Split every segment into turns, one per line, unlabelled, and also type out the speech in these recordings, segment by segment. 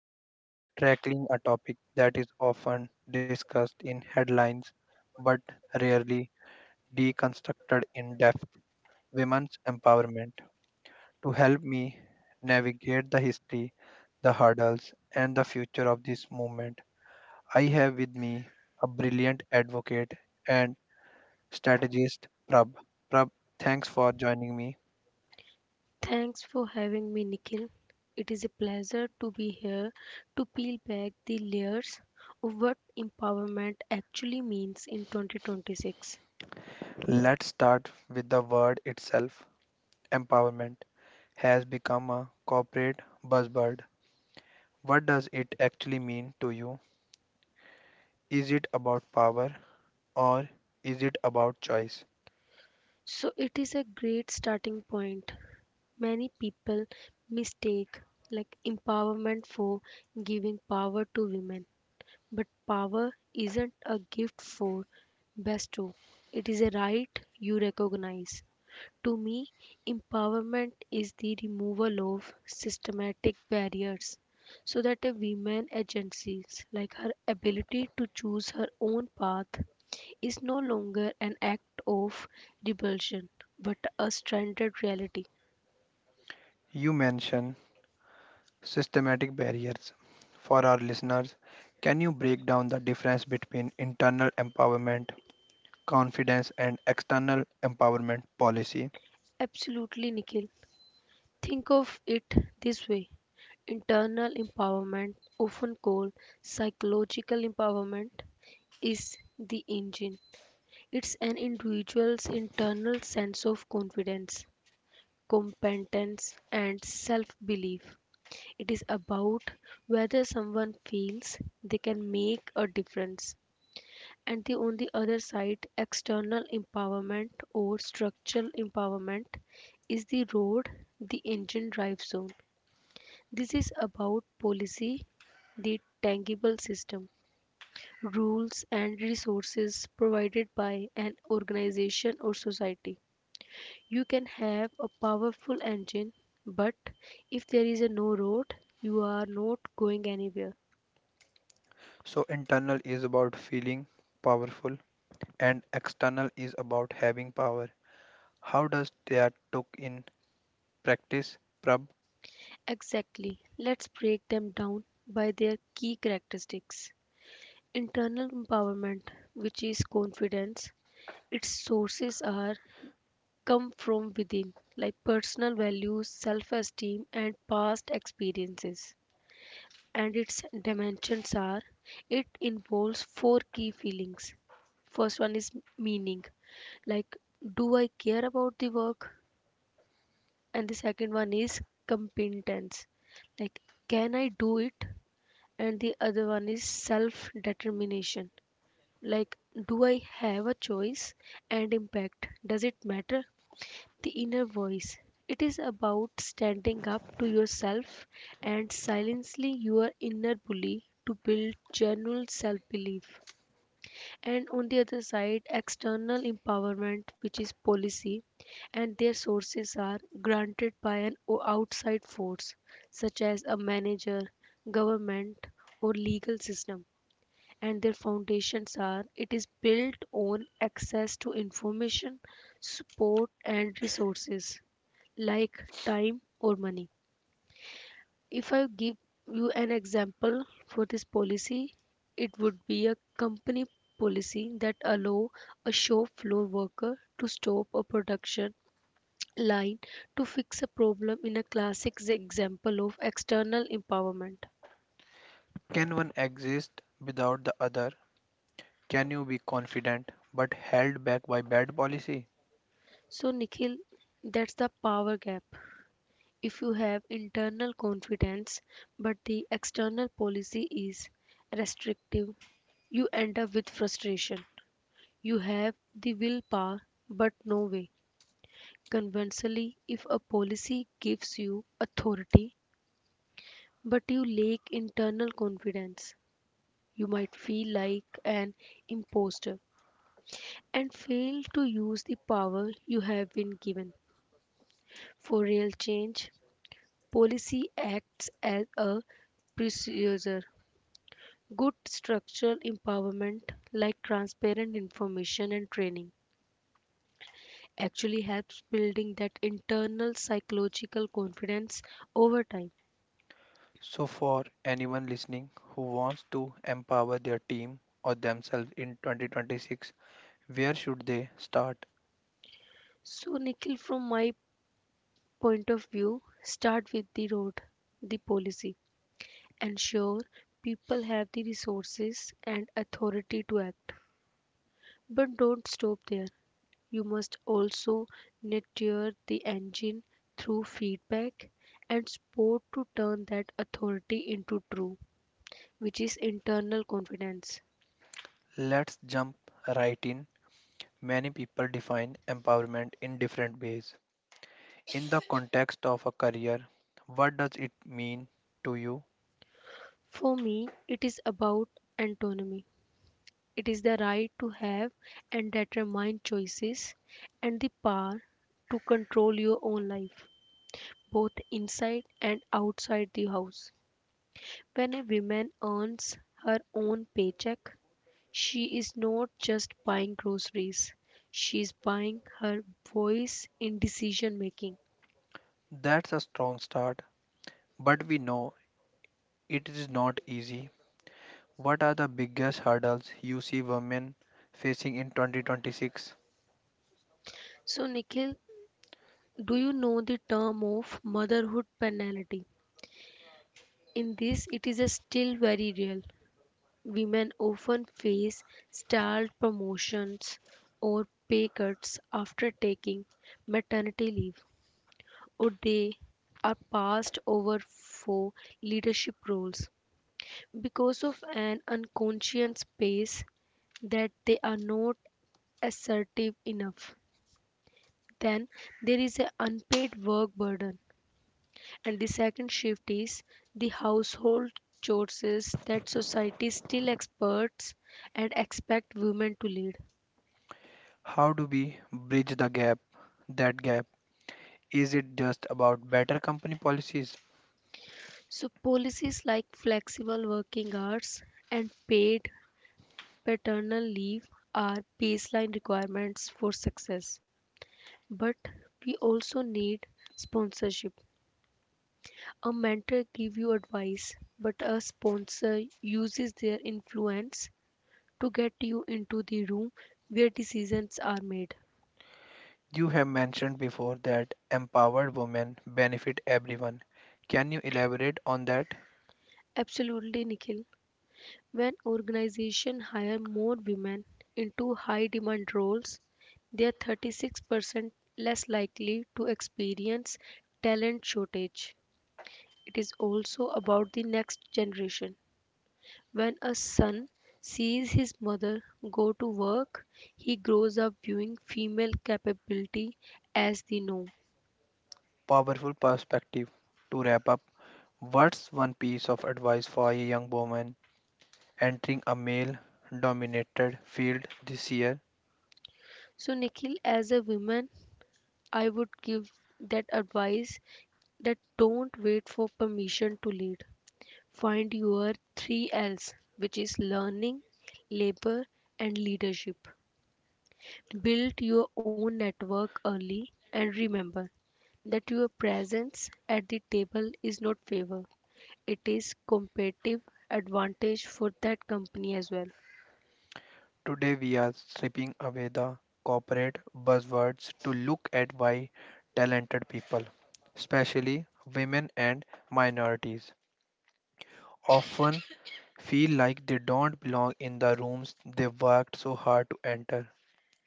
we are tackling a topic that is often discussed in headlines but rarely deconstructed in depth: women's empowerment. To help me navigate the history, the hurdles, and the future of this movement, I have with me a brilliant advocate and strategist, Prab. Prab, thanks for joining me.
Thanks for having me, Nikhil. It is a pleasure to be here to peel back the layers of what empowerment actually means in 2026.
Let's start with the word itself. Empowerment has become a corporate buzzword. What does it actually mean to you? Is it about power or is it about choice?
So, it is a great starting point. Many people mistake like empowerment for giving power to women, but power isn't a gift for bestow. It is a right you recognize. To me, empowerment is the removal of systematic barriers so that a woman agencies like her ability to choose her own path is no longer an act of rebellion but a stranded reality.
You mention systematic barriers. For our listeners, can you break down the difference between internal empowerment, confidence, and external empowerment policy?
Absolutely, Nikhil. Think of it this way, internal empowerment, often called psychological empowerment, is the engine. It's an individual's internal sense of confidence, competence and self-belief. It is about whether someone feels they can make a difference. And the on the other side, external empowerment or structural empowerment is the road the engine drives on. This is about policy, the tangible system, rules and resources provided by an organization or society. You can have a powerful engine, but if there is a no road, you are not going anywhere.
So, internal is about feeling powerful, and external is about having power. How does that look in practice, Prab?
Exactly. Let's break them down by their key characteristics. Internal empowerment, which is confidence, its sources are come from within, like personal values, self esteem, and past experiences. And its dimensions are it involves four key feelings. First one is meaning, like do I care about the work, and the second one is competence, like can I do it, and the other one is self determination, like do I have a choice, and impact, does it matter. The inner voice, it is about standing up to yourself and silencing your inner bully to build genuine self belief. And on the other side, external empowerment, which is policy, and their sources are granted by an outside force such as a manager, government, or legal system, and their foundations are it is built on access to information, support and resources, like time or money. If I give you an example for this policy, it would be a company policy that allow a shop floor worker to stop a production line to fix a problem, in a classic example of external empowerment.
Can one exist without the other? Can you be confident but held back by bad policy?
So Nikhil, that's the power gap. If you have internal confidence but the external policy is restrictive, you end up with frustration. You have the willpower but no way. Conversely, if a policy gives you authority but you lack internal confidence, you might feel like an imposter and fail to use the power you have been given. For real change, policy acts as a precursor. Good structural empowerment, like transparent information and training, actually helps building that internal psychological confidence over time.
So, for anyone listening who wants to empower their team or themselves in 2026, where should they start?
So, Nikhil, from my point of view, start with the road, the policy. Ensure people have the resources and authority to act. But don't stop there. You must also nurture the engine through feedback and support to turn that authority into true, which is internal confidence.
Let's jump right in. Many people define empowerment in different ways. In the context of a career, what does it mean to you?
For me, it is about autonomy. It is the right to have and determine choices and the power to control your own life, both inside and outside the house. When a woman earns her own paycheck, she is not just buying groceries, she is buying her voice in decision making.
That's a strong start, but we know it is not easy. What are the biggest hurdles you see women facing in 2026?
So, Nikhil, do you know the term of motherhood penalty? In this, it is a still very real. Women often face stalled promotions or pay cuts after taking maternity leave, or they are passed over for leadership roles because of an unconscious pace that they are not assertive enough. Then there is an unpaid work burden, and the second shift is the household chores that society still expects and expect women to lead.
How do we bridge the gap? That gap, is it just about better company policies?
So policies like flexible working hours and paid Paternal leave are baseline requirements for success, but we also need sponsorship. A mentor gives you advice, but a sponsor uses their influence to get you into the room where decisions are made.
You have mentioned before that empowered women benefit everyone. Can you elaborate on that
Absolutely, Nikhil. When organizations hire more women into high demand roles, they are 36% less likely to experience talent shortage. It is also about the next generation. When a son sees his mother go to work, he grows up viewing female capability as the norm.
powerful perspective? To wrap up, what's one piece of advice for a young woman entering a male dominated field this year?
So, Nikhil, as a woman, I would give that advice that don't wait for permission to lead. Find your three L's, which is learning, labor, and leadership. Build your own network early and remember that your presence at the table is not favor, it is competitive advantage for that company as well.
Today we are stripping away the corporate buzzwords to look at why talented people, especially women and minorities, often feel like they don't belong in the rooms they worked so hard to enter.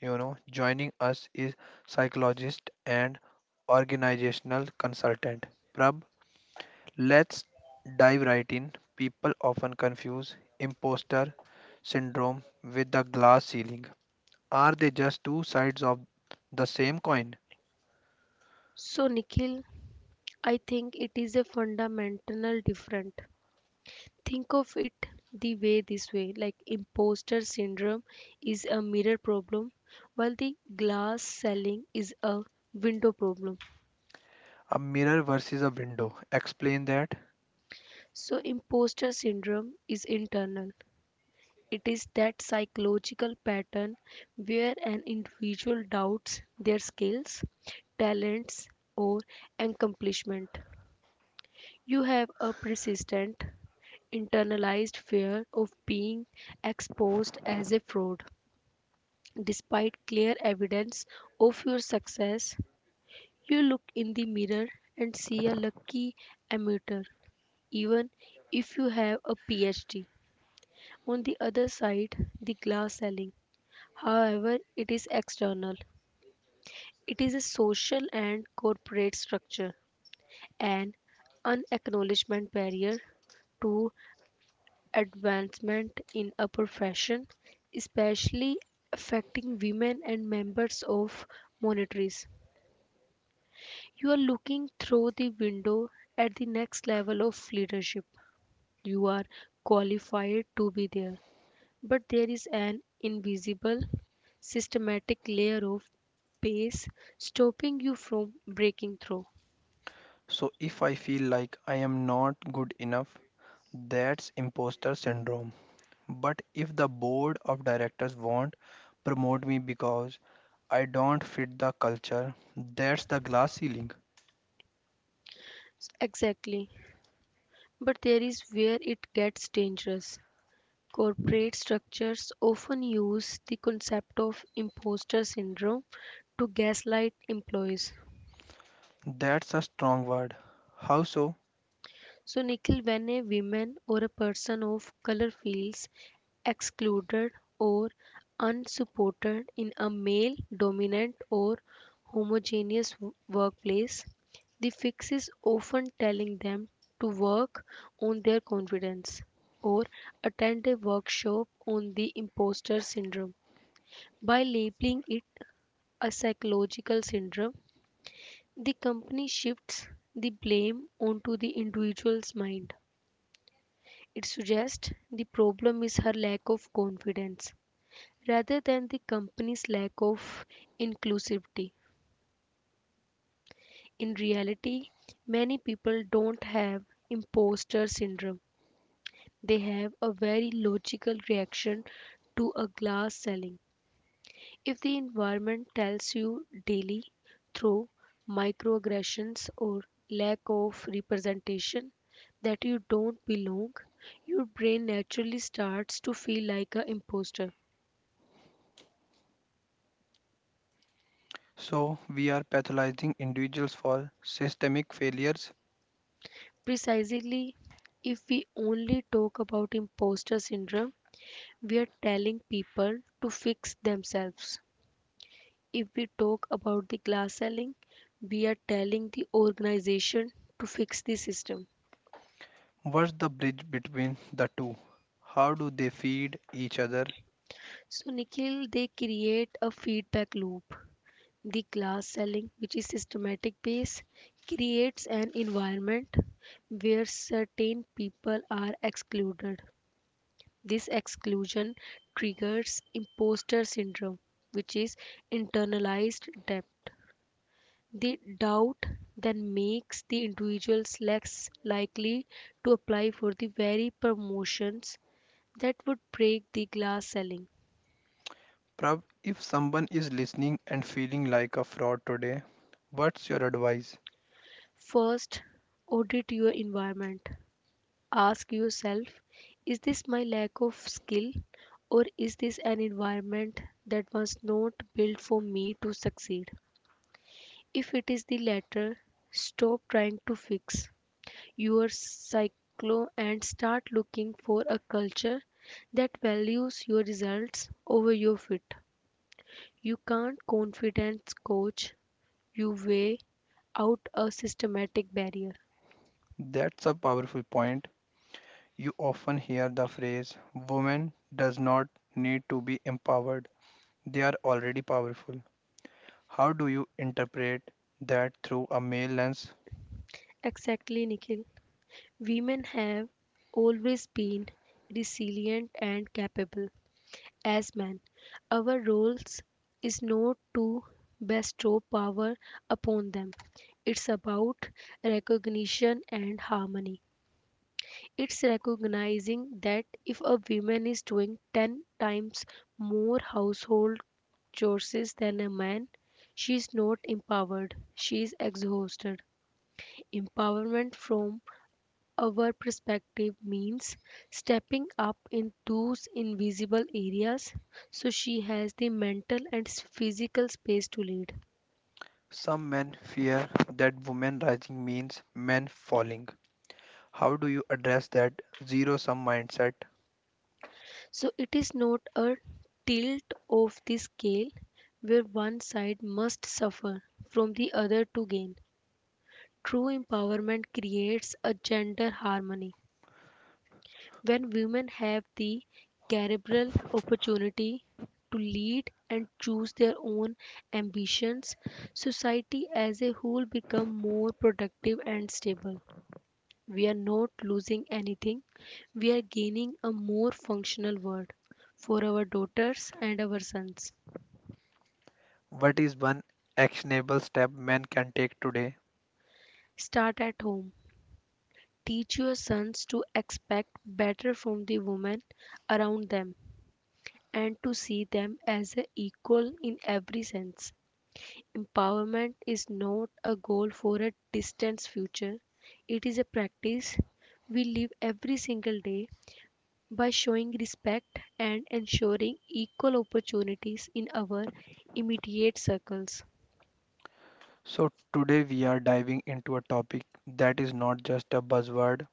You know, joining us is psychologist and organizational consultant. Prab, let's dive right in. People often confuse imposter syndrome with the glass ceiling. Are they just two sides of the same coin?
So Nikhil, I think it is a fundamental different. Think of it the way, this way, like imposter syndrome is a mirror problem, while the glass selling is a window problem.
A mirror versus a window. Explain that.
So imposter syndrome is internal. It is that psychological pattern where an individual doubts their skills, talents, or accomplishment. You have a persistent, internalized fear of being exposed as a fraud. Despite clear evidence of your success, you look in the mirror and see a lucky amateur, even if you have a PhD. On the other side, the glass ceiling, however, it is external. It is a social and corporate structure, an unacknowledgement barrier to advancement in a profession, especially affecting women and members of minorities. You are looking through the window at the next level of leadership. You are qualified to be there, but there is an invisible systematic layer of base stopping you from breaking through.
So, if I feel like I am not good enough, that's imposter syndrome. But if the board of directors won't promote me because I don't fit the culture, that's the glass ceiling.
Exactly, but there is where it gets dangerous. Corporate structures often use the concept of imposter syndrome to gaslight employees.
That's a strong word. How so?
So, Nikhil, when a woman or a person of color feels excluded or unsupported in a male dominant or homogeneous workplace, the fix is often telling them to work on their confidence or attend a workshop on the imposter syndrome. By labeling it a psychological syndrome, the company shifts the blame onto the individual's mind. It suggests the problem is her lack of confidence rather than the company's lack of inclusivity. In reality, many people don't have imposter syndrome. They have a very logical reaction to a glass ceiling. If the environment tells you daily through microaggressions or lack of representation that you don't belong, your brain naturally starts to feel like an imposter.
So, we are pathologizing individuals for systemic failures.
Precisely, if we only talk about imposter syndrome, we are telling people to fix themselves. If we talk about the glass ceiling, we are telling the organization to fix the system.
What's the bridge between the two? How do they feed each other?
So, Nikhil, they create a feedback loop. The glass ceiling, which is systematic base, creates an environment where certain people are excluded. This exclusion triggers imposter syndrome, which is internalized doubt. The doubt then makes the individuals less likely to apply for the very promotions that would break the glass ceiling.
Prav, if someone is listening and feeling like a fraud today, what's your advice?
First, audit your environment. Ask yourself, is this my lack of skill, or is this an environment that was not built for me to succeed? If it is the latter, stop trying to fix your cycle and start looking for a culture that values your results over your fit. You can't confidence coach your way out a systematic barrier.
That's a powerful point. You often hear the phrase, women does not need to be empowered. They are already powerful. How do you interpret that through a male lens?
Exactly, Nikhil. Women have always been resilient and capable. As men, our roles is not to bestow power upon them. It's about recognition and harmony. It's recognizing that if a woman is doing 10 times more household chores than a man, she's not empowered, she's exhausted. Empowerment from our perspective means stepping up in those invisible areas so she has the mental and physical space to lead.
Some men fear that women rising means men falling. How do you address that zero sum mindset?
So it is not a tilt of the scale where one side must suffer from the other to gain. True empowerment creates a gender harmony. When women have the cerebral opportunity to lead and choose their own ambitions, society as a whole becomes more productive and stable. We are not losing anything. We are gaining a more functional world for our daughters and our sons.
What is one actionable step men can take today?
Start at home. Teach your sons to expect better from the women around them and to see them as a equal in every sense. Empowerment is not a goal for a distant future. It is a practice we live every single day by showing respect and ensuring equal opportunities in our immediate circles.
So, today we are diving into a topic that is not just a buzzword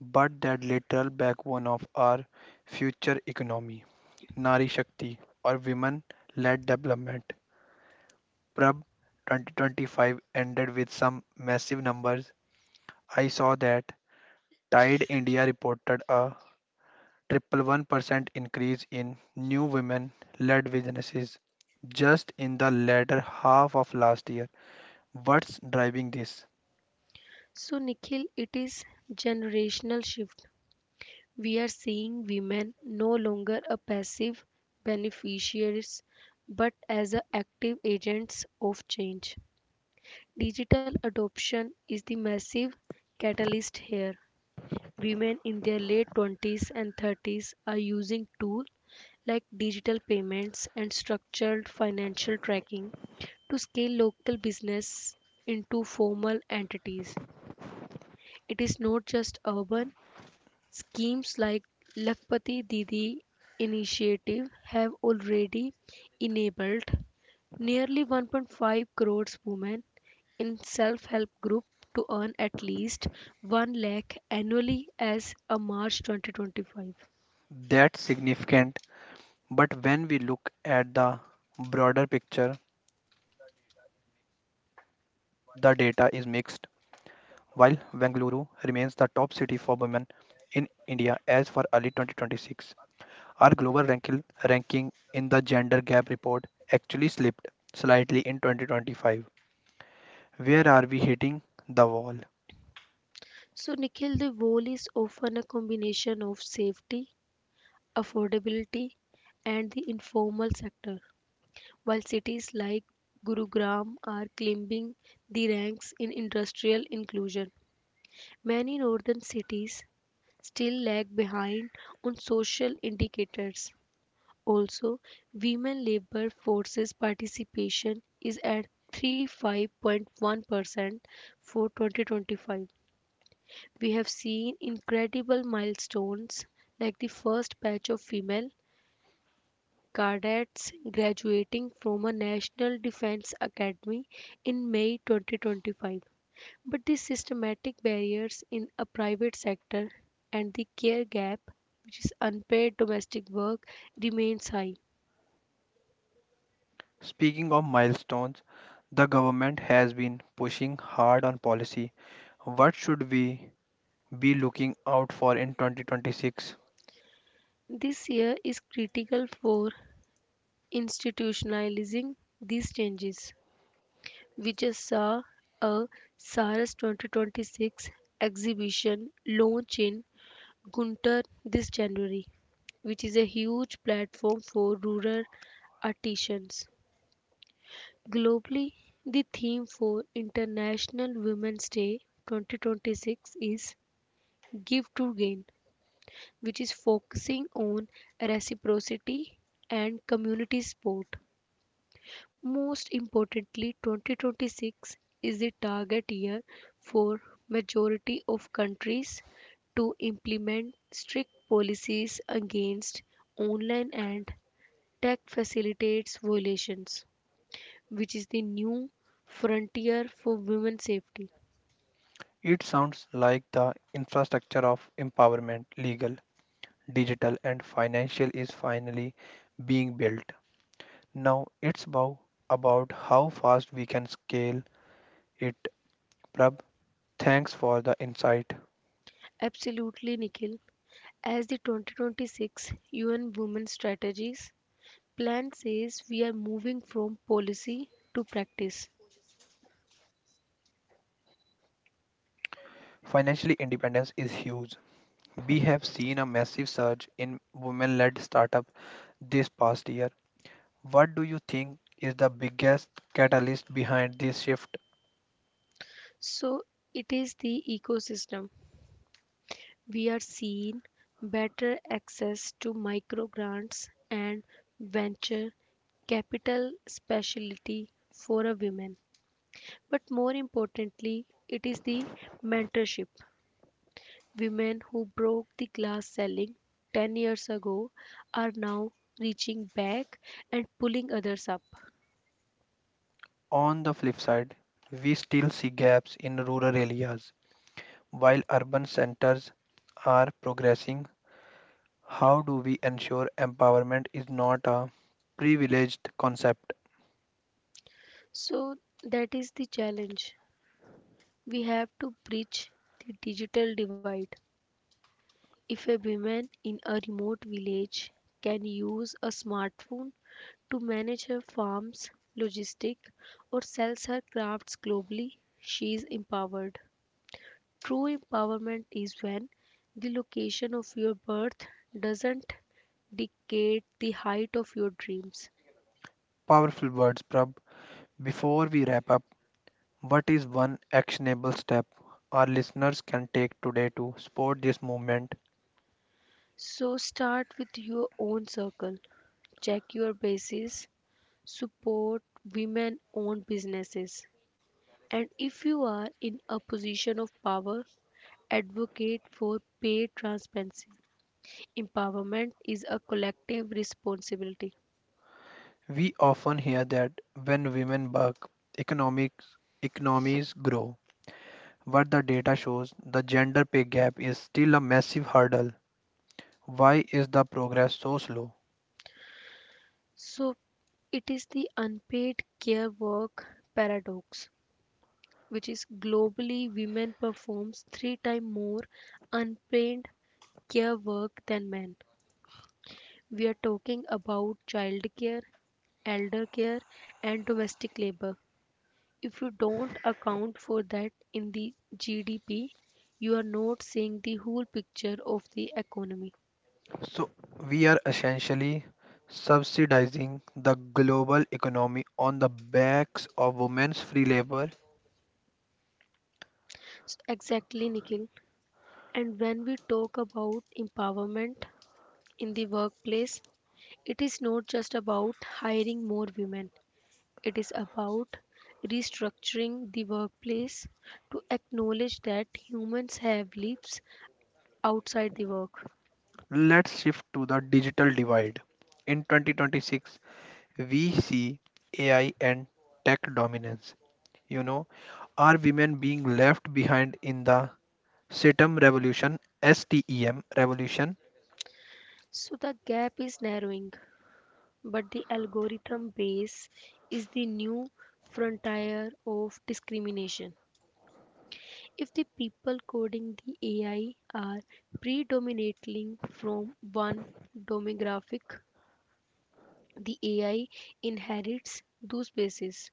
but that literal backbone of our future economy: Nari Shakti, or women led development. Prab, 2025 ended with some massive numbers. I saw that Tide India reported a 111% increase in new women led businesses just in the latter half of last year. What's driving this?
So, Nikhil, it is generational shift. We are seeing women no longer a passive beneficiaries but as a active agents of change. Digital adoption is the massive catalyst here. Women in their late 20s and 30s are using tools like digital payments and structured financial tracking to scale local business into formal entities. It is not just urban. Schemes like Lakpati Didi initiative have already enabled nearly 1.5 crores women in self-help group to earn at least 1 lakh annually as of March 2025.
That's significant, but when we look at the broader picture, the data is mixed. While Bengaluru remains the top city for women in India as for early 2026, our global ranking in the gender gap report actually slipped slightly in 2025. Where are we hitting the wall?
So Nikhil, the goal is often a combination of safety, affordability and the informal sector. While cities like Gurugram are climbing the ranks in industrial inclusion, many northern cities still lag behind on social indicators. Also, women labor forces participation is at 35.1% for 2025. We have seen incredible milestones like the first batch of female cadets graduating from a National Defense Academy in May 2025. But the systematic barriers in a private sector and the care gap, which is unpaid domestic work, remains high.
Speaking of milestones, the government has been pushing hard on policy. What should we be looking out for in 2026?
This year is critical for institutionalizing these changes. We just saw a SARS 2026 exhibition launch in Gunter this January, which is a huge platform for rural artisans. Globally, the theme for International Women's Day 2026 is Give to Gain, which is focusing on reciprocity and community support. Most importantly, 2026 is the target year for majority of countries to implement strict policies against online and Tech facilitates violations, which is the new frontier for women's safety.
It sounds like the infrastructure of empowerment, legal, digital, and financial, is finally being built. Now it's about how fast we can scale it. Prab, thanks for the insight.
Absolutely, Nikhil. As the 2026 UN Women's Strategies plan says, we are moving from policy to practice.
Financially independence is huge. We have seen a massive surge in women led startup this past year. What do you think is the biggest catalyst behind this shift?
So it is the ecosystem. We are seeing better access to micro grants and venture capital specialty for a women. But more importantly, it is the mentorship. Women who broke the glass ceiling 10 years ago are now reaching back and pulling others up.
On the flip side, we still see gaps in rural areas. While urban centers are progressing, how do we ensure empowerment is not a privileged concept?
So that is the challenge. We have to bridge the digital divide. If a woman in a remote village can use a smartphone to manage her farm's logistic or sells her crafts globally, she is empowered. True empowerment is when the location of your birth doesn't dictate the height of your dreams.
Powerful words, Prab. Before we wrap up, what is one actionable step our listeners can take today to support this movement?
So start with your own circle. Check your bases, support women owned businesses, and if you are in a position of power, advocate for pay transparency. Empowerment is a collective responsibility.
We often hear that when women work, economics economies grow. But the data shows the gender pay gap is still a massive hurdle. Why is the progress so slow?
So it is the unpaid care work paradox, which is globally women performs three times more unpaid care work than men. We are talking about childcare, elder care and domestic labor. If you don't account for that in the GDP, you are not seeing the whole picture of the economy.
So we are essentially subsidizing the global economy on the backs of women's free labor.
So exactly, Nikhil. And when we talk about empowerment in the workplace, it is not just about hiring more women. It is about restructuring the workplace to acknowledge that humans have lives outside the work.
Let's shift to the digital divide. In 2026, we see AI and tech dominance. You know, are women being left behind in the STEM revolution?
So the gap is narrowing, but the algorithm base is the new frontier of discrimination. If the people coding the AI are predominantly from one demographic, the AI inherits those bases.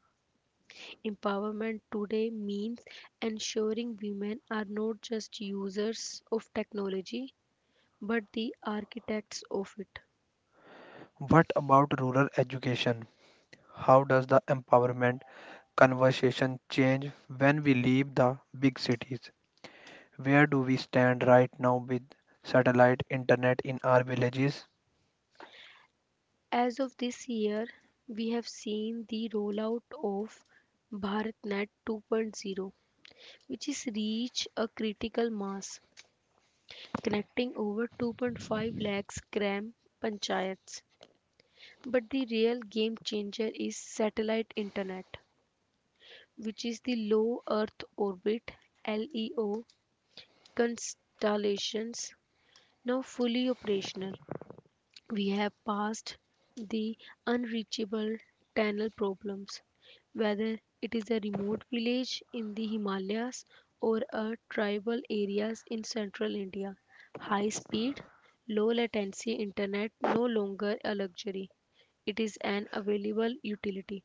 Empowerment today means ensuring women are not just users of technology but the architects of it.
What about rural education? How does the empowerment conversation change when we leave the big cities? Where do we stand right now with satellite internet in our villages?
As of this year, we have seen the rollout of BharatNet 2.0, which is reached a critical mass, connecting over 2.5 lakhs gram panchayats. But the real game changer is satellite internet, which is the low Earth orbit LEO constellations now fully operational. We have passed the unreachable tunnel problems, whether it is a remote village in the Himalayas or a tribal areas in central India. High speed, low latency internet no longer a luxury. It is an available utility.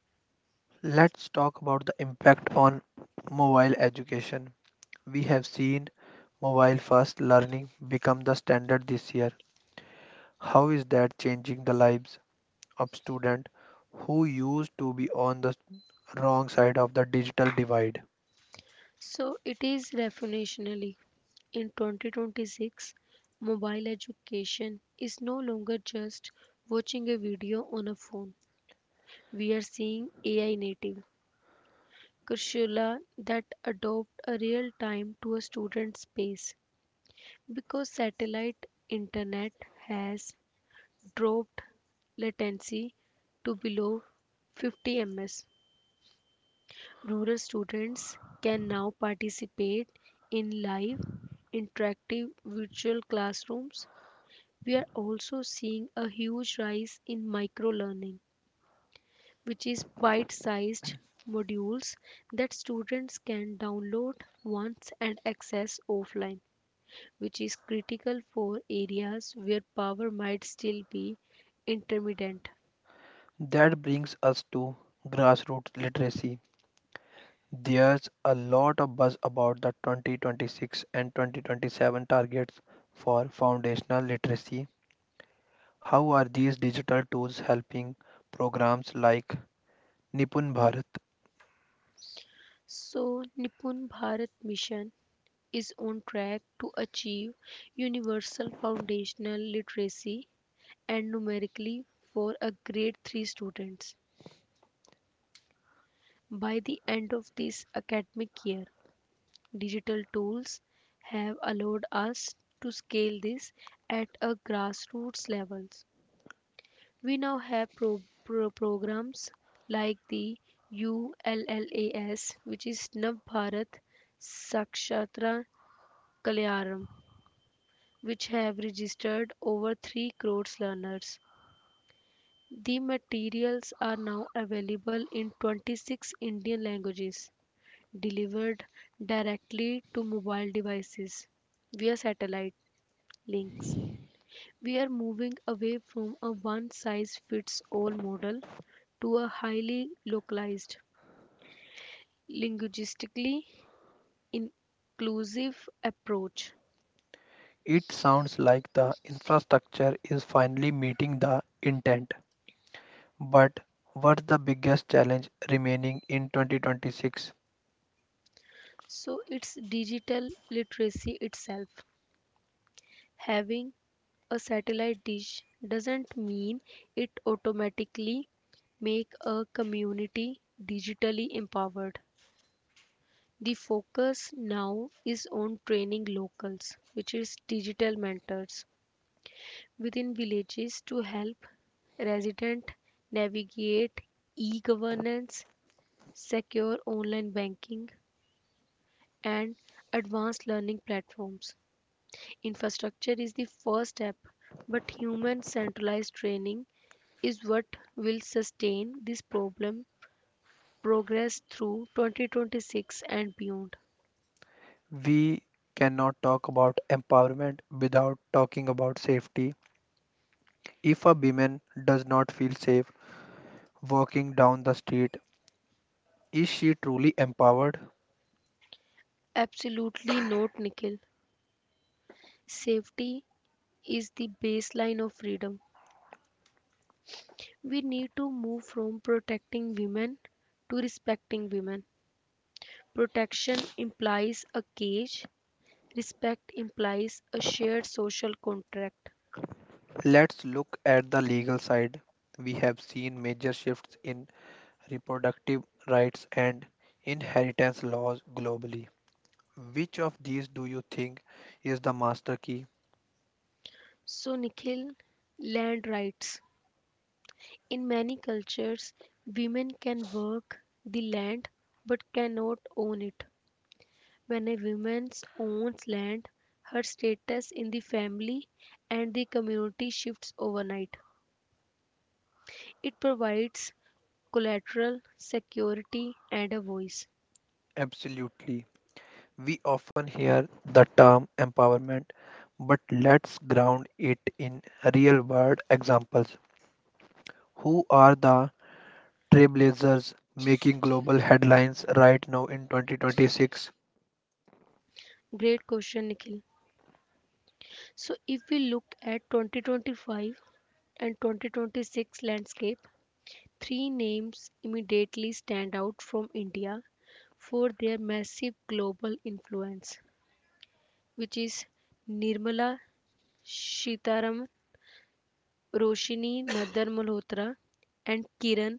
Let's talk about the impact on mobile education. We have seen mobile first learning become the standard this year. How is that changing the lives of students who used to be on the wrong side of the digital divide?
So it is revolutionary. In 2026, mobile education is no longer just watching a video on a phone. We are seeing AI native curricula that adopt a real time to a student's pace because satellite internet has dropped latency to below 50 ms. Rural students can now participate in live interactive virtual classrooms. We are also seeing a huge rise in micro learning, which is bite sized modules that students can download once and access offline, which is critical for areas where power might still be intermittent.
That brings us to grassroots literacy. There's a lot of buzz about the 2026 and 2027 targets for foundational literacy. How are these digital tools helping programs like Nipun Bharat?
So, Nipun Bharat Mission is on track to achieve universal foundational literacy and numerically for a grade 3 students. By the end of this academic year, digital tools have allowed us to scale this at a grassroots level. We now have programs like the ULLAS, which is Nav Bharat Sakshatra Kalyaram, which have registered over 3 crores learners. The materials are now available in 26 Indian languages, delivered directly to mobile devices via satellite links. We are moving away from a one size fits all model to a highly localized, linguistically inclusive approach.
It sounds like the infrastructure is finally meeting the intent. But what's the biggest challenge remaining in 2026?
So it's digital literacy itself. Having a satellite dish doesn't mean it automatically make a community digitally empowered. The focus now is on training locals, which is digital mentors within villages to help residents navigate e-governance, secure online banking, and advanced learning platforms. Infrastructure is the first step, but human centralized training is what will sustain this problem progress through 2026 and beyond.
We cannot talk about empowerment without talking about safety. If a woman does not feel safe walking down the street, is she truly empowered?
Absolutely not, Nikhil. Safety is the baseline of freedom. We need to move from protecting women to respecting women. Protection implies a cage, respect implies a shared social contract.
Let's look at the legal side. We have seen major shifts in reproductive rights, and inheritance laws globally. Which of these do you think is the master key?
So, Nikhil, land rights. In many cultures, women can work the land but cannot own it. When a woman owns land, her status in the family and the community shifts overnight. It provides collateral security and a voice.
Absolutely. We often hear the term empowerment, but let's ground it in real world examples. Who are the trailblazers making global headlines right now in 2026?
Great question, Nikhil. So if we look at 2025 and 2026 landscape, three names immediately stand out from India for their massive global influence, which is Nirmala Sitharaman, Roshini Nadar Malhotra and Kiran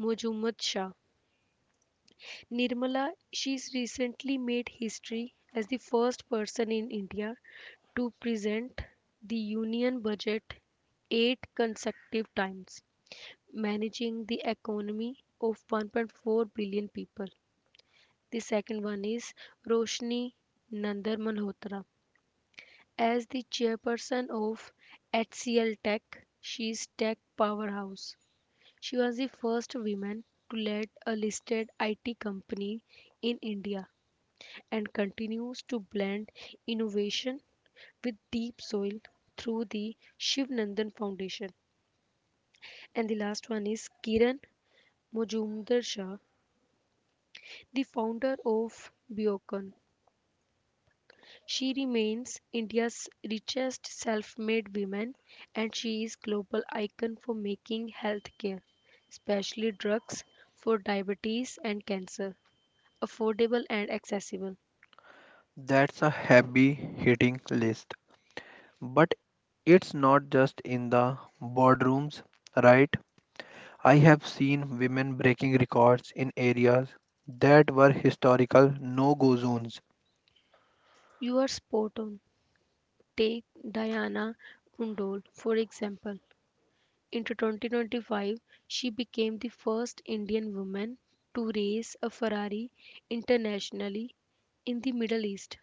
Mojumdar Shah. Nirmala, she's recently made history as the first person in India to present the union budget eight consecutive times, managing the economy of 1.4 billion people. The second one is Roshni Nandar Malhotra. As the chairperson of HCL Tech, she is tech powerhouse. She was the first woman to lead a listed IT company in India and continues to blend innovation with Deep Soil through the Shiv Nandan Foundation. And the last one is Kiran Mojumdar Shah, the founder of Biocan. She remains India's richest self-made woman and she is global icon for making healthcare, especially drugs for diabetes and cancer, affordable and accessible.
That's a heavy hitting list. But it's not just in the boardrooms, right? I have seen women breaking records in areas that were historical no go zones.
You are spot on. Take Diana Pundol, for example. Into 2025, she became the first Indian woman to race a Ferrari internationally in the Middle East.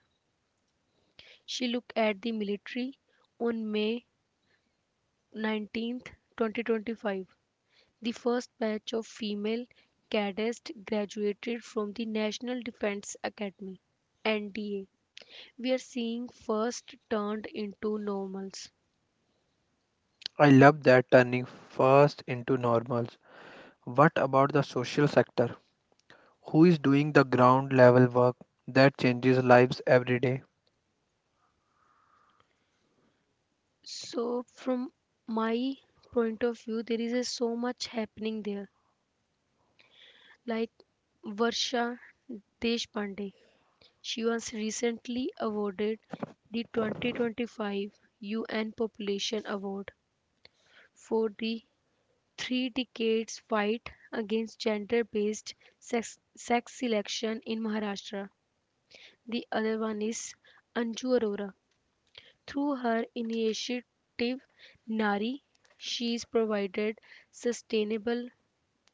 She looked at the military on May 19, 2025. The first batch of female cadets graduated from the National Defense Academy (NDA). We are seeing first turned into normals.
I love that, turning first into normals. What about the social sector? Who is doing the ground level work that changes lives every day?
So from my point of view, there is a so much happening there. Like Varsha Deshpande, she was recently awarded the 2025 UN Population Award for the three decades fight against gender based sex selection in Maharashtra. The other one is Anju Arora. Through her initiative Nari, she is provided sustainable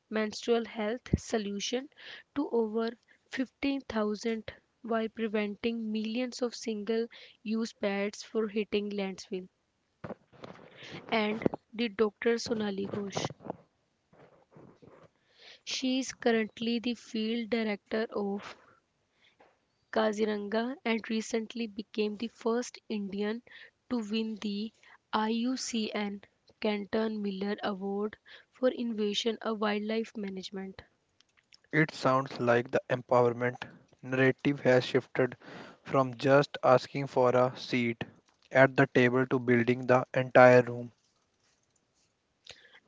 menstrual health solution to over 15,000, while preventing millions of single use pads from hitting landfill, and the Dr. Sonali Ghosh. She is currently the field director of Kaziranga and recently became the first Indian to win the IUCN Canton Miller Award for Innovation of Wildlife Management.
It sounds like the empowerment narrative has shifted from just asking for a seat at the table to building the entire room.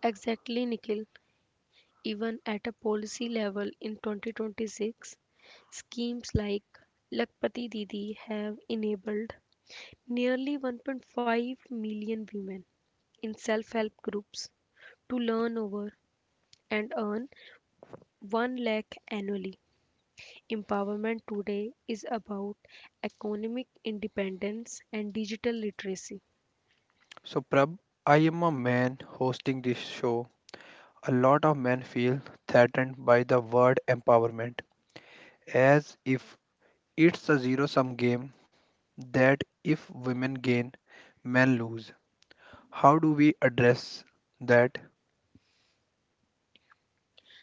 Exactly, Nikhil. Even at a policy level in 2026, schemes like Lakpati Didi have enabled nearly 1.5 million women in self help groups to learn over and earn 1 lakh annually. Empowerment today is about economic independence and digital literacy.
So, Prab, I am a man hosting this show. A lot of men feel threatened by the word empowerment, as if it's a zero sum game, that if women gain, men lose. How do we address that?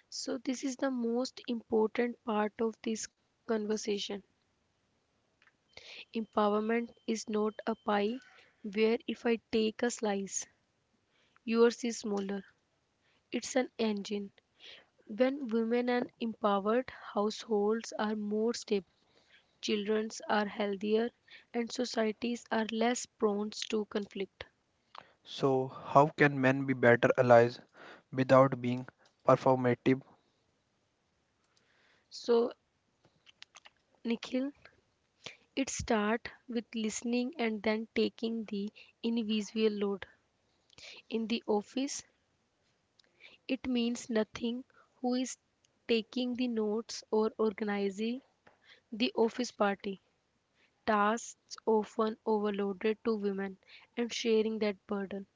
So, this is the most important part of this conversation. Empowerment is not a pie where if I take a slice, yours is smaller. It's an engine. When women and empowered households are more stable, children are healthier, and societies are less prone to conflict.
So, how can men be better allies without being performative?
So, Nikhil, it starts with listening and then taking the invisible load. In the office, it means nothing who is taking the notes or organizing the office party. Tasks often overloaded to women and sharing that burden.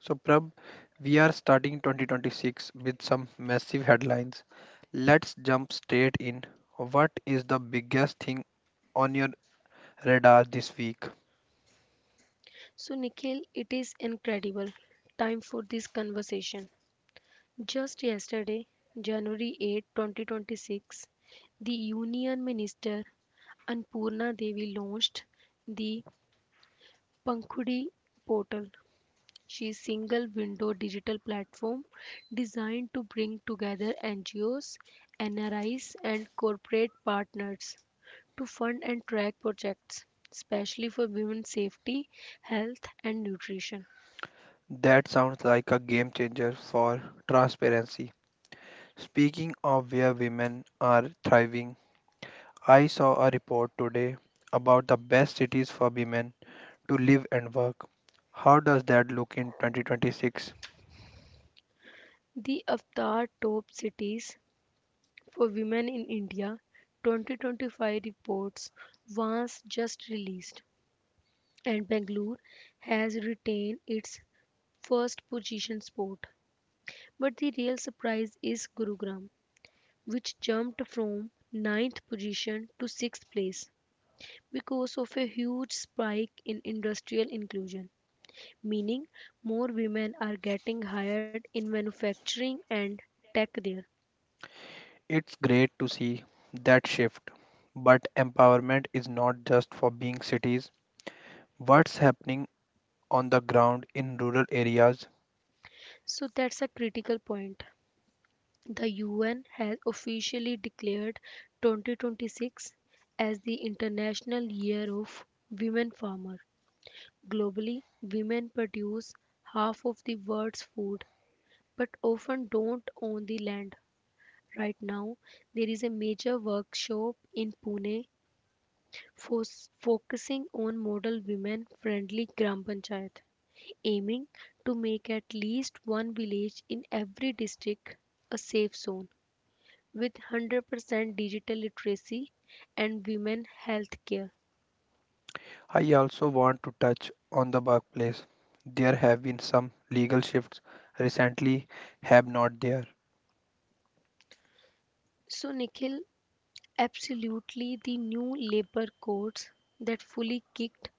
So, Prab, we are starting 2026 with some massive headlines. Let's jump straight in. What is the biggest thing on your radar this week?
So, Nikhil, it is incredible. Time for this conversation. Just yesterday, January 8, 2026, the Union Minister Anpurna Devi launched the Pankhudi portal. She is single window digital platform designed to bring together NGOs, NRIs and corporate partners to fund and track projects, especially for women's safety, health, and nutrition.
That sounds like a game changer for transparency. Speaking of where women are thriving, I saw a report today about the best cities for women to live and work. How does that look in 2026?
The Avatar Top Cities for Women in India 2025 reports was just released, and Bangalore has retained its first position spot. But the real surprise is Gurugram, which jumped from ninth position to 6th place because of a huge spike in industrial inclusion, meaning more women are getting hired in manufacturing and tech there.
It's great to see that shift, but empowerment is not just for being cities. What's happening on the ground in rural areas?
So that's a critical point. The UN has officially declared 2026 as the International Year of Women Farmers. Globally, women produce half of the world's food but often don't own the land. Right now, there is a major workshop in Pune fo- focusing on model women friendly gram panchayat, aiming to make at least one village in every district a safe zone with 100% digital literacy and women health care.
I also want to touch on the workplace. There have been some legal shifts recently, have not there.
So, Nikhil, absolutely the new labor codes that fully kicked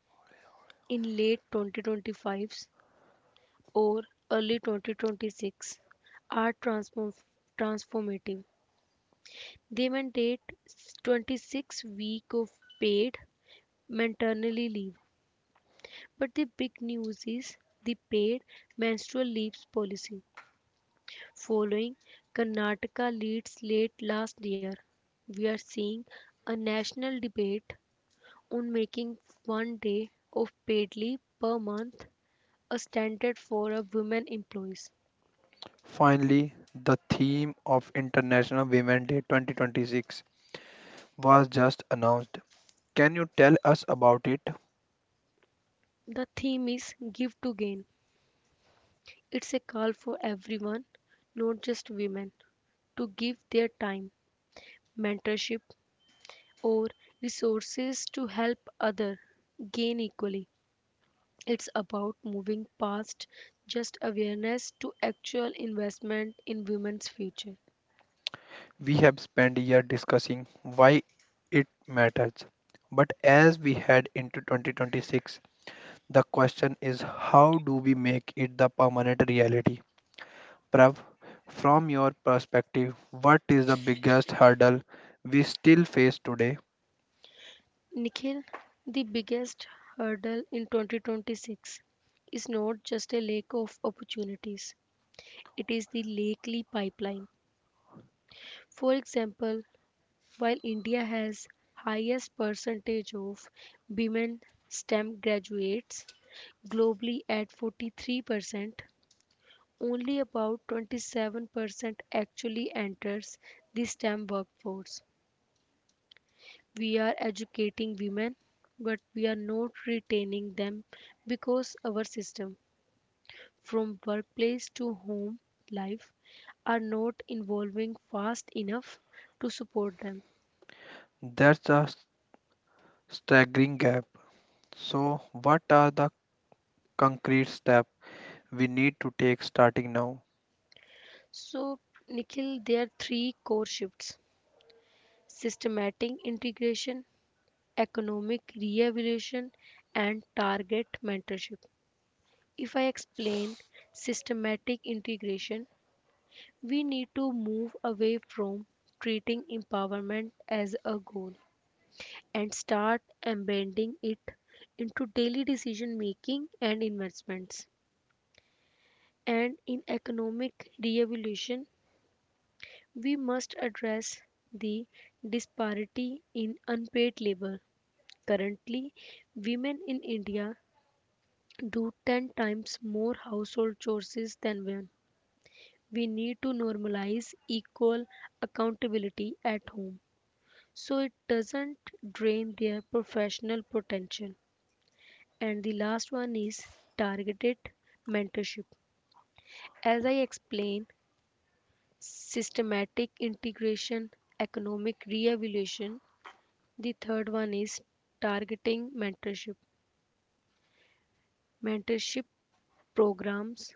in late 2025s or early 2026 are transformative. They mandate 26 week of paid maternity leave. But the big news is the paid menstrual leaves policy. Following Karnataka leads late last year, we are seeing a national debate on making 1 day of paid leave per month a standard for our women employees.
Finally, the theme of International Women's Day 2026 was just announced. Can you tell us about it?
The theme is Give to Gain. It's a call for everyone, not just women, to give their time, mentorship, or resources to help others gain equally. It's about moving past just awareness to actual investment in women's future.
We have spent a year discussing why it matters. But as we head into 2026, the question is how do we make it the permanent reality? Prav, from your perspective, what is the biggest hurdle we still face today?
Nikhil, the biggest hurdle in 2026 is not just a lack of opportunities, it is the likely pipeline. For example, while India has highest percentage of women STEM graduates globally at 43%, only about 27% actually enters the STEM workforce. We are educating women, but we are not retaining them because our system, from workplace to home life, are not evolving fast enough to support them.
That's a staggering gap. So, what are the concrete steps we need to take starting now?
So, Nikhil, there are three core shifts: systematic integration, economic re evaluation, and target mentorship. If I explain systematic integration, we need to move away from treating empowerment as a goal and start embedding it into daily decision making and investments. And in economic re-evaluation, we must address the disparity in unpaid labor. Currently, women in India do 10 times more household chores than men. We need to normalize equal accountability at home so it doesn't drain their professional potential. And the last one is targeted mentorship. As I explained, systematic integration, economic reevaluation. The third one is targeting mentorship. Mentorship programs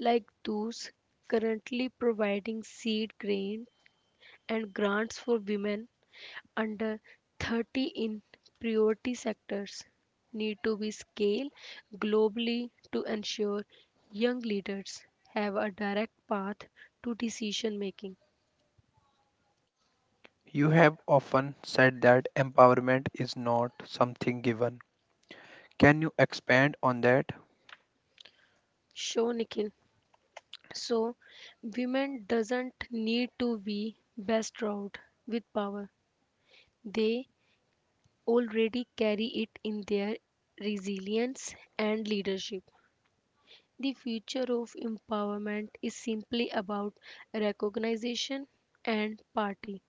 like those currently providing seed grain and grants for women under 30 in priority sectors need to be scaled globally to ensure young leaders have a direct path to decision making.
You have often said that empowerment is not something given. Can you expand on that?
Sure, Nikhil. So, women doesn't need to be bestowed with power. They already carry it in their resilience and leadership. The future of empowerment is simply about recognition and party.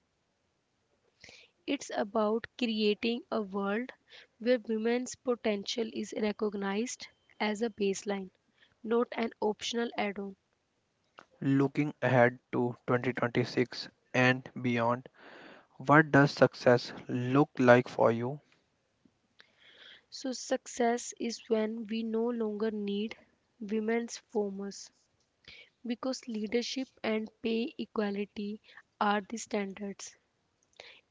It's about creating a world where women's potential is recognized as a baseline, not an optional add on.
Looking ahead to 2026 and beyond, what does success look like for you?
So, success is when we no longer need women's formers because leadership and pay equality are the standards.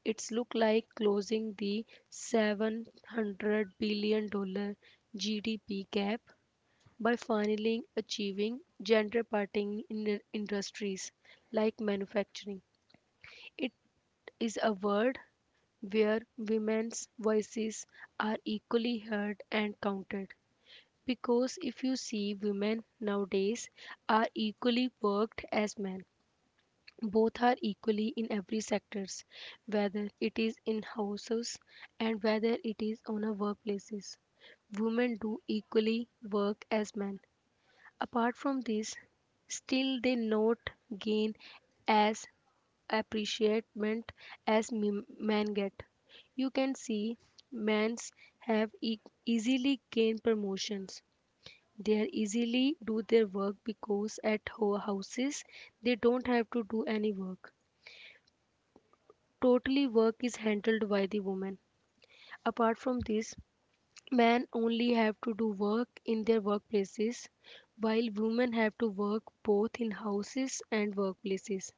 It's look like closing the $700 billion GDP gap by finally achieving gender parity in the industries like manufacturing. It is a world where women's voices are equally heard and counted. Because if you see, women nowadays are equally worked as men, both are equally in every sectors, whether it is in houses and whether it is on a workplaces. Women do equally work as men. Apart from this, still they not gain as appreciation as men get. You can see men's have easily gain promotions. They are easily do their work because at houses they don't have to do any work. Totally work is handled by the woman. Apart from this, men only have to do work in their workplaces, while women have to work both in houses and workplaces.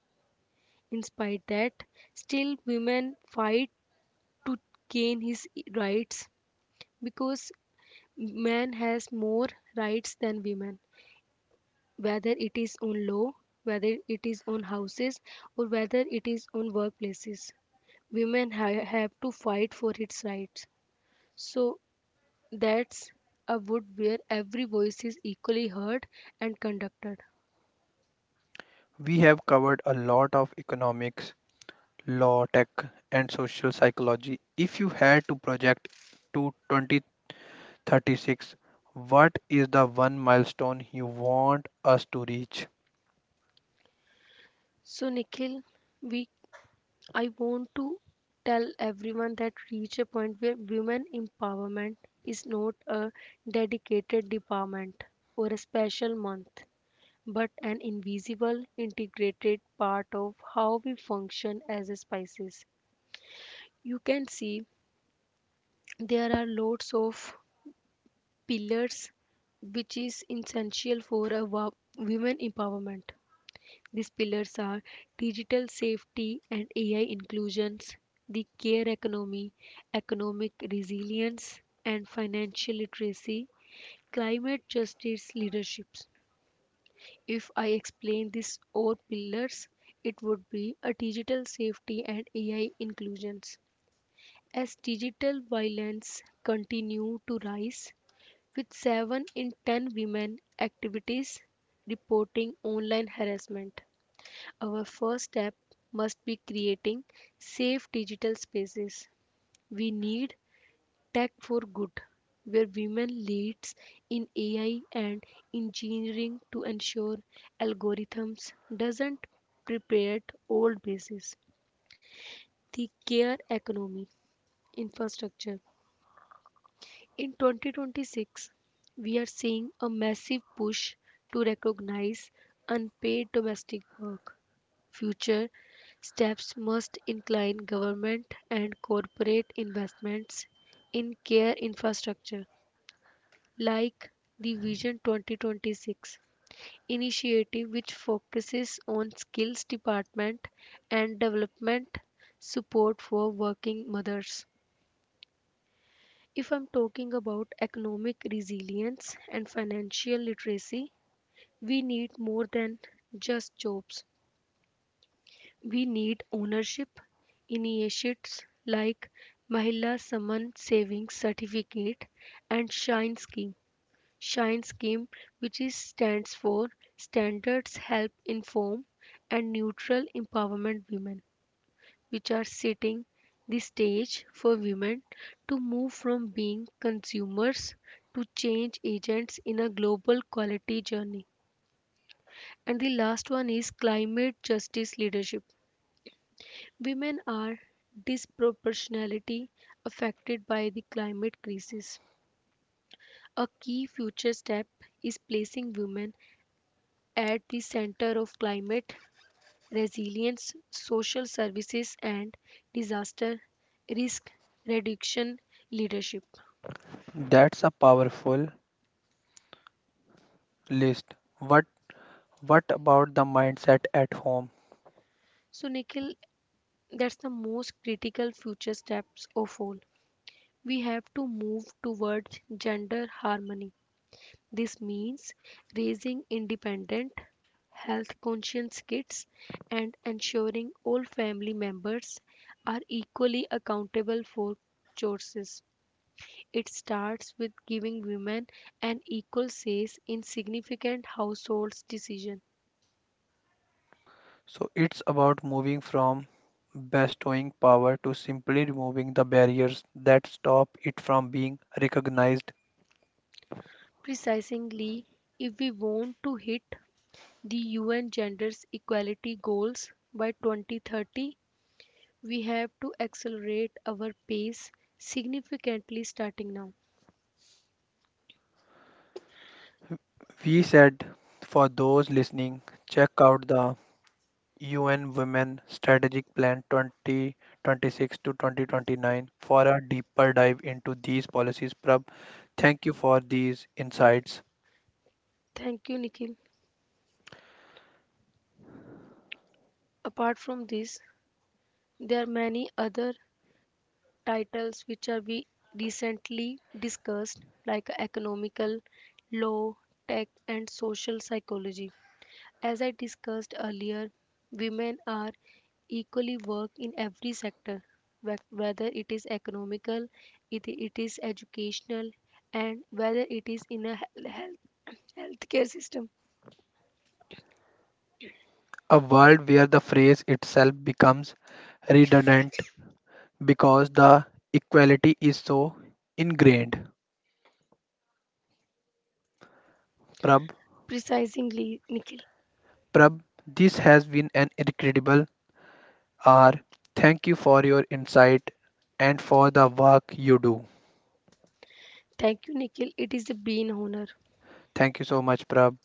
In spite that, still women fight to gain his rights because man has more rights than women, whether it is on law, whether it is on houses, or whether it is on workplaces. Women have to fight for its rights. So that's a wood where every voice is equally heard and conducted.
We have covered a lot of economic, law, tech, and social psychology. If you had to project to 2036, what is the one milestone you want us to reach?
So Nikhil, we I want to tell everyone that reach a point where women empowerment is not a dedicated department or a special month, but an invisible integrated part of how we function as a species. You can see there are lots of pillars which is essential for a women empowerment. These pillars are digital safety and AI inclusions, the care economy, economic resilience, and financial literacy, climate justice leaderships. If I explain these four pillars, it would be a digital safety and AI inclusions. As digital violence continue to rise, with 7 in 10 women activities reporting online harassment. Our first step must be creating safe digital spaces. We need tech for good, where women leads in AI and engineering to ensure algorithms doesn't prepare old bases. The care economy infrastructure. In 2026, we are seeing a massive push to recognize unpaid domestic work. Future steps must incline government and corporate investments in care infrastructure, like the Vision 2026 initiative, which focuses on skills department and development support for working mothers. If I'm talking about economic resilience and financial literacy, we need more than just jobs. We need ownership initiatives like Mahila Saman Savings Certificate and Shine Scheme. Shine Scheme, which is stands for Standards Help Inform and Neutral Empowerment Women, which are setting the stage for women to move from being consumers to change agents in a global quality journey. And the last one is climate justice leadership. Women are disproportionately affected by the climate crisis. A key future step is placing women at the center of climate resilience, social services, and disaster risk reduction leadership.
That's a powerful list. What what about the mindset at home?
So, Nikhil, that's the most critical future steps of all. We have to move towards gender harmony. This means raising independent, health conscious kids, and ensuring all family members are equally accountable for choices. It starts with giving women an equal say in significant household decisions.
So it's about moving from bestowing power to simply removing the barriers that stop it from being recognized.
Precisely, if we want to hit the UN gender equality goals by 2030, we have to accelerate our pace significantly starting now.
We said for those listening, check out the UN Women Strategic Plan 2026 to 2029 for a deeper dive into these policies. Prab, thank you for these insights.
Thank you, Nikhil. Apart from this, there are many other titles which are we recently discussed like economical law, tech and social psychology. As I discussed earlier, women are equally work in every sector whether it is economical, it is educational and whether it is in a health healthcare system.
A world where the phrase itself becomes redundant because the equality is so ingrained. Prab,
Precisely, Nikhil.
Prab, this has been an incredible hour. Thank you for your insight and for the work you do.
Thank you, Nikhil. It is a been honor.
Thank you so much, Prab.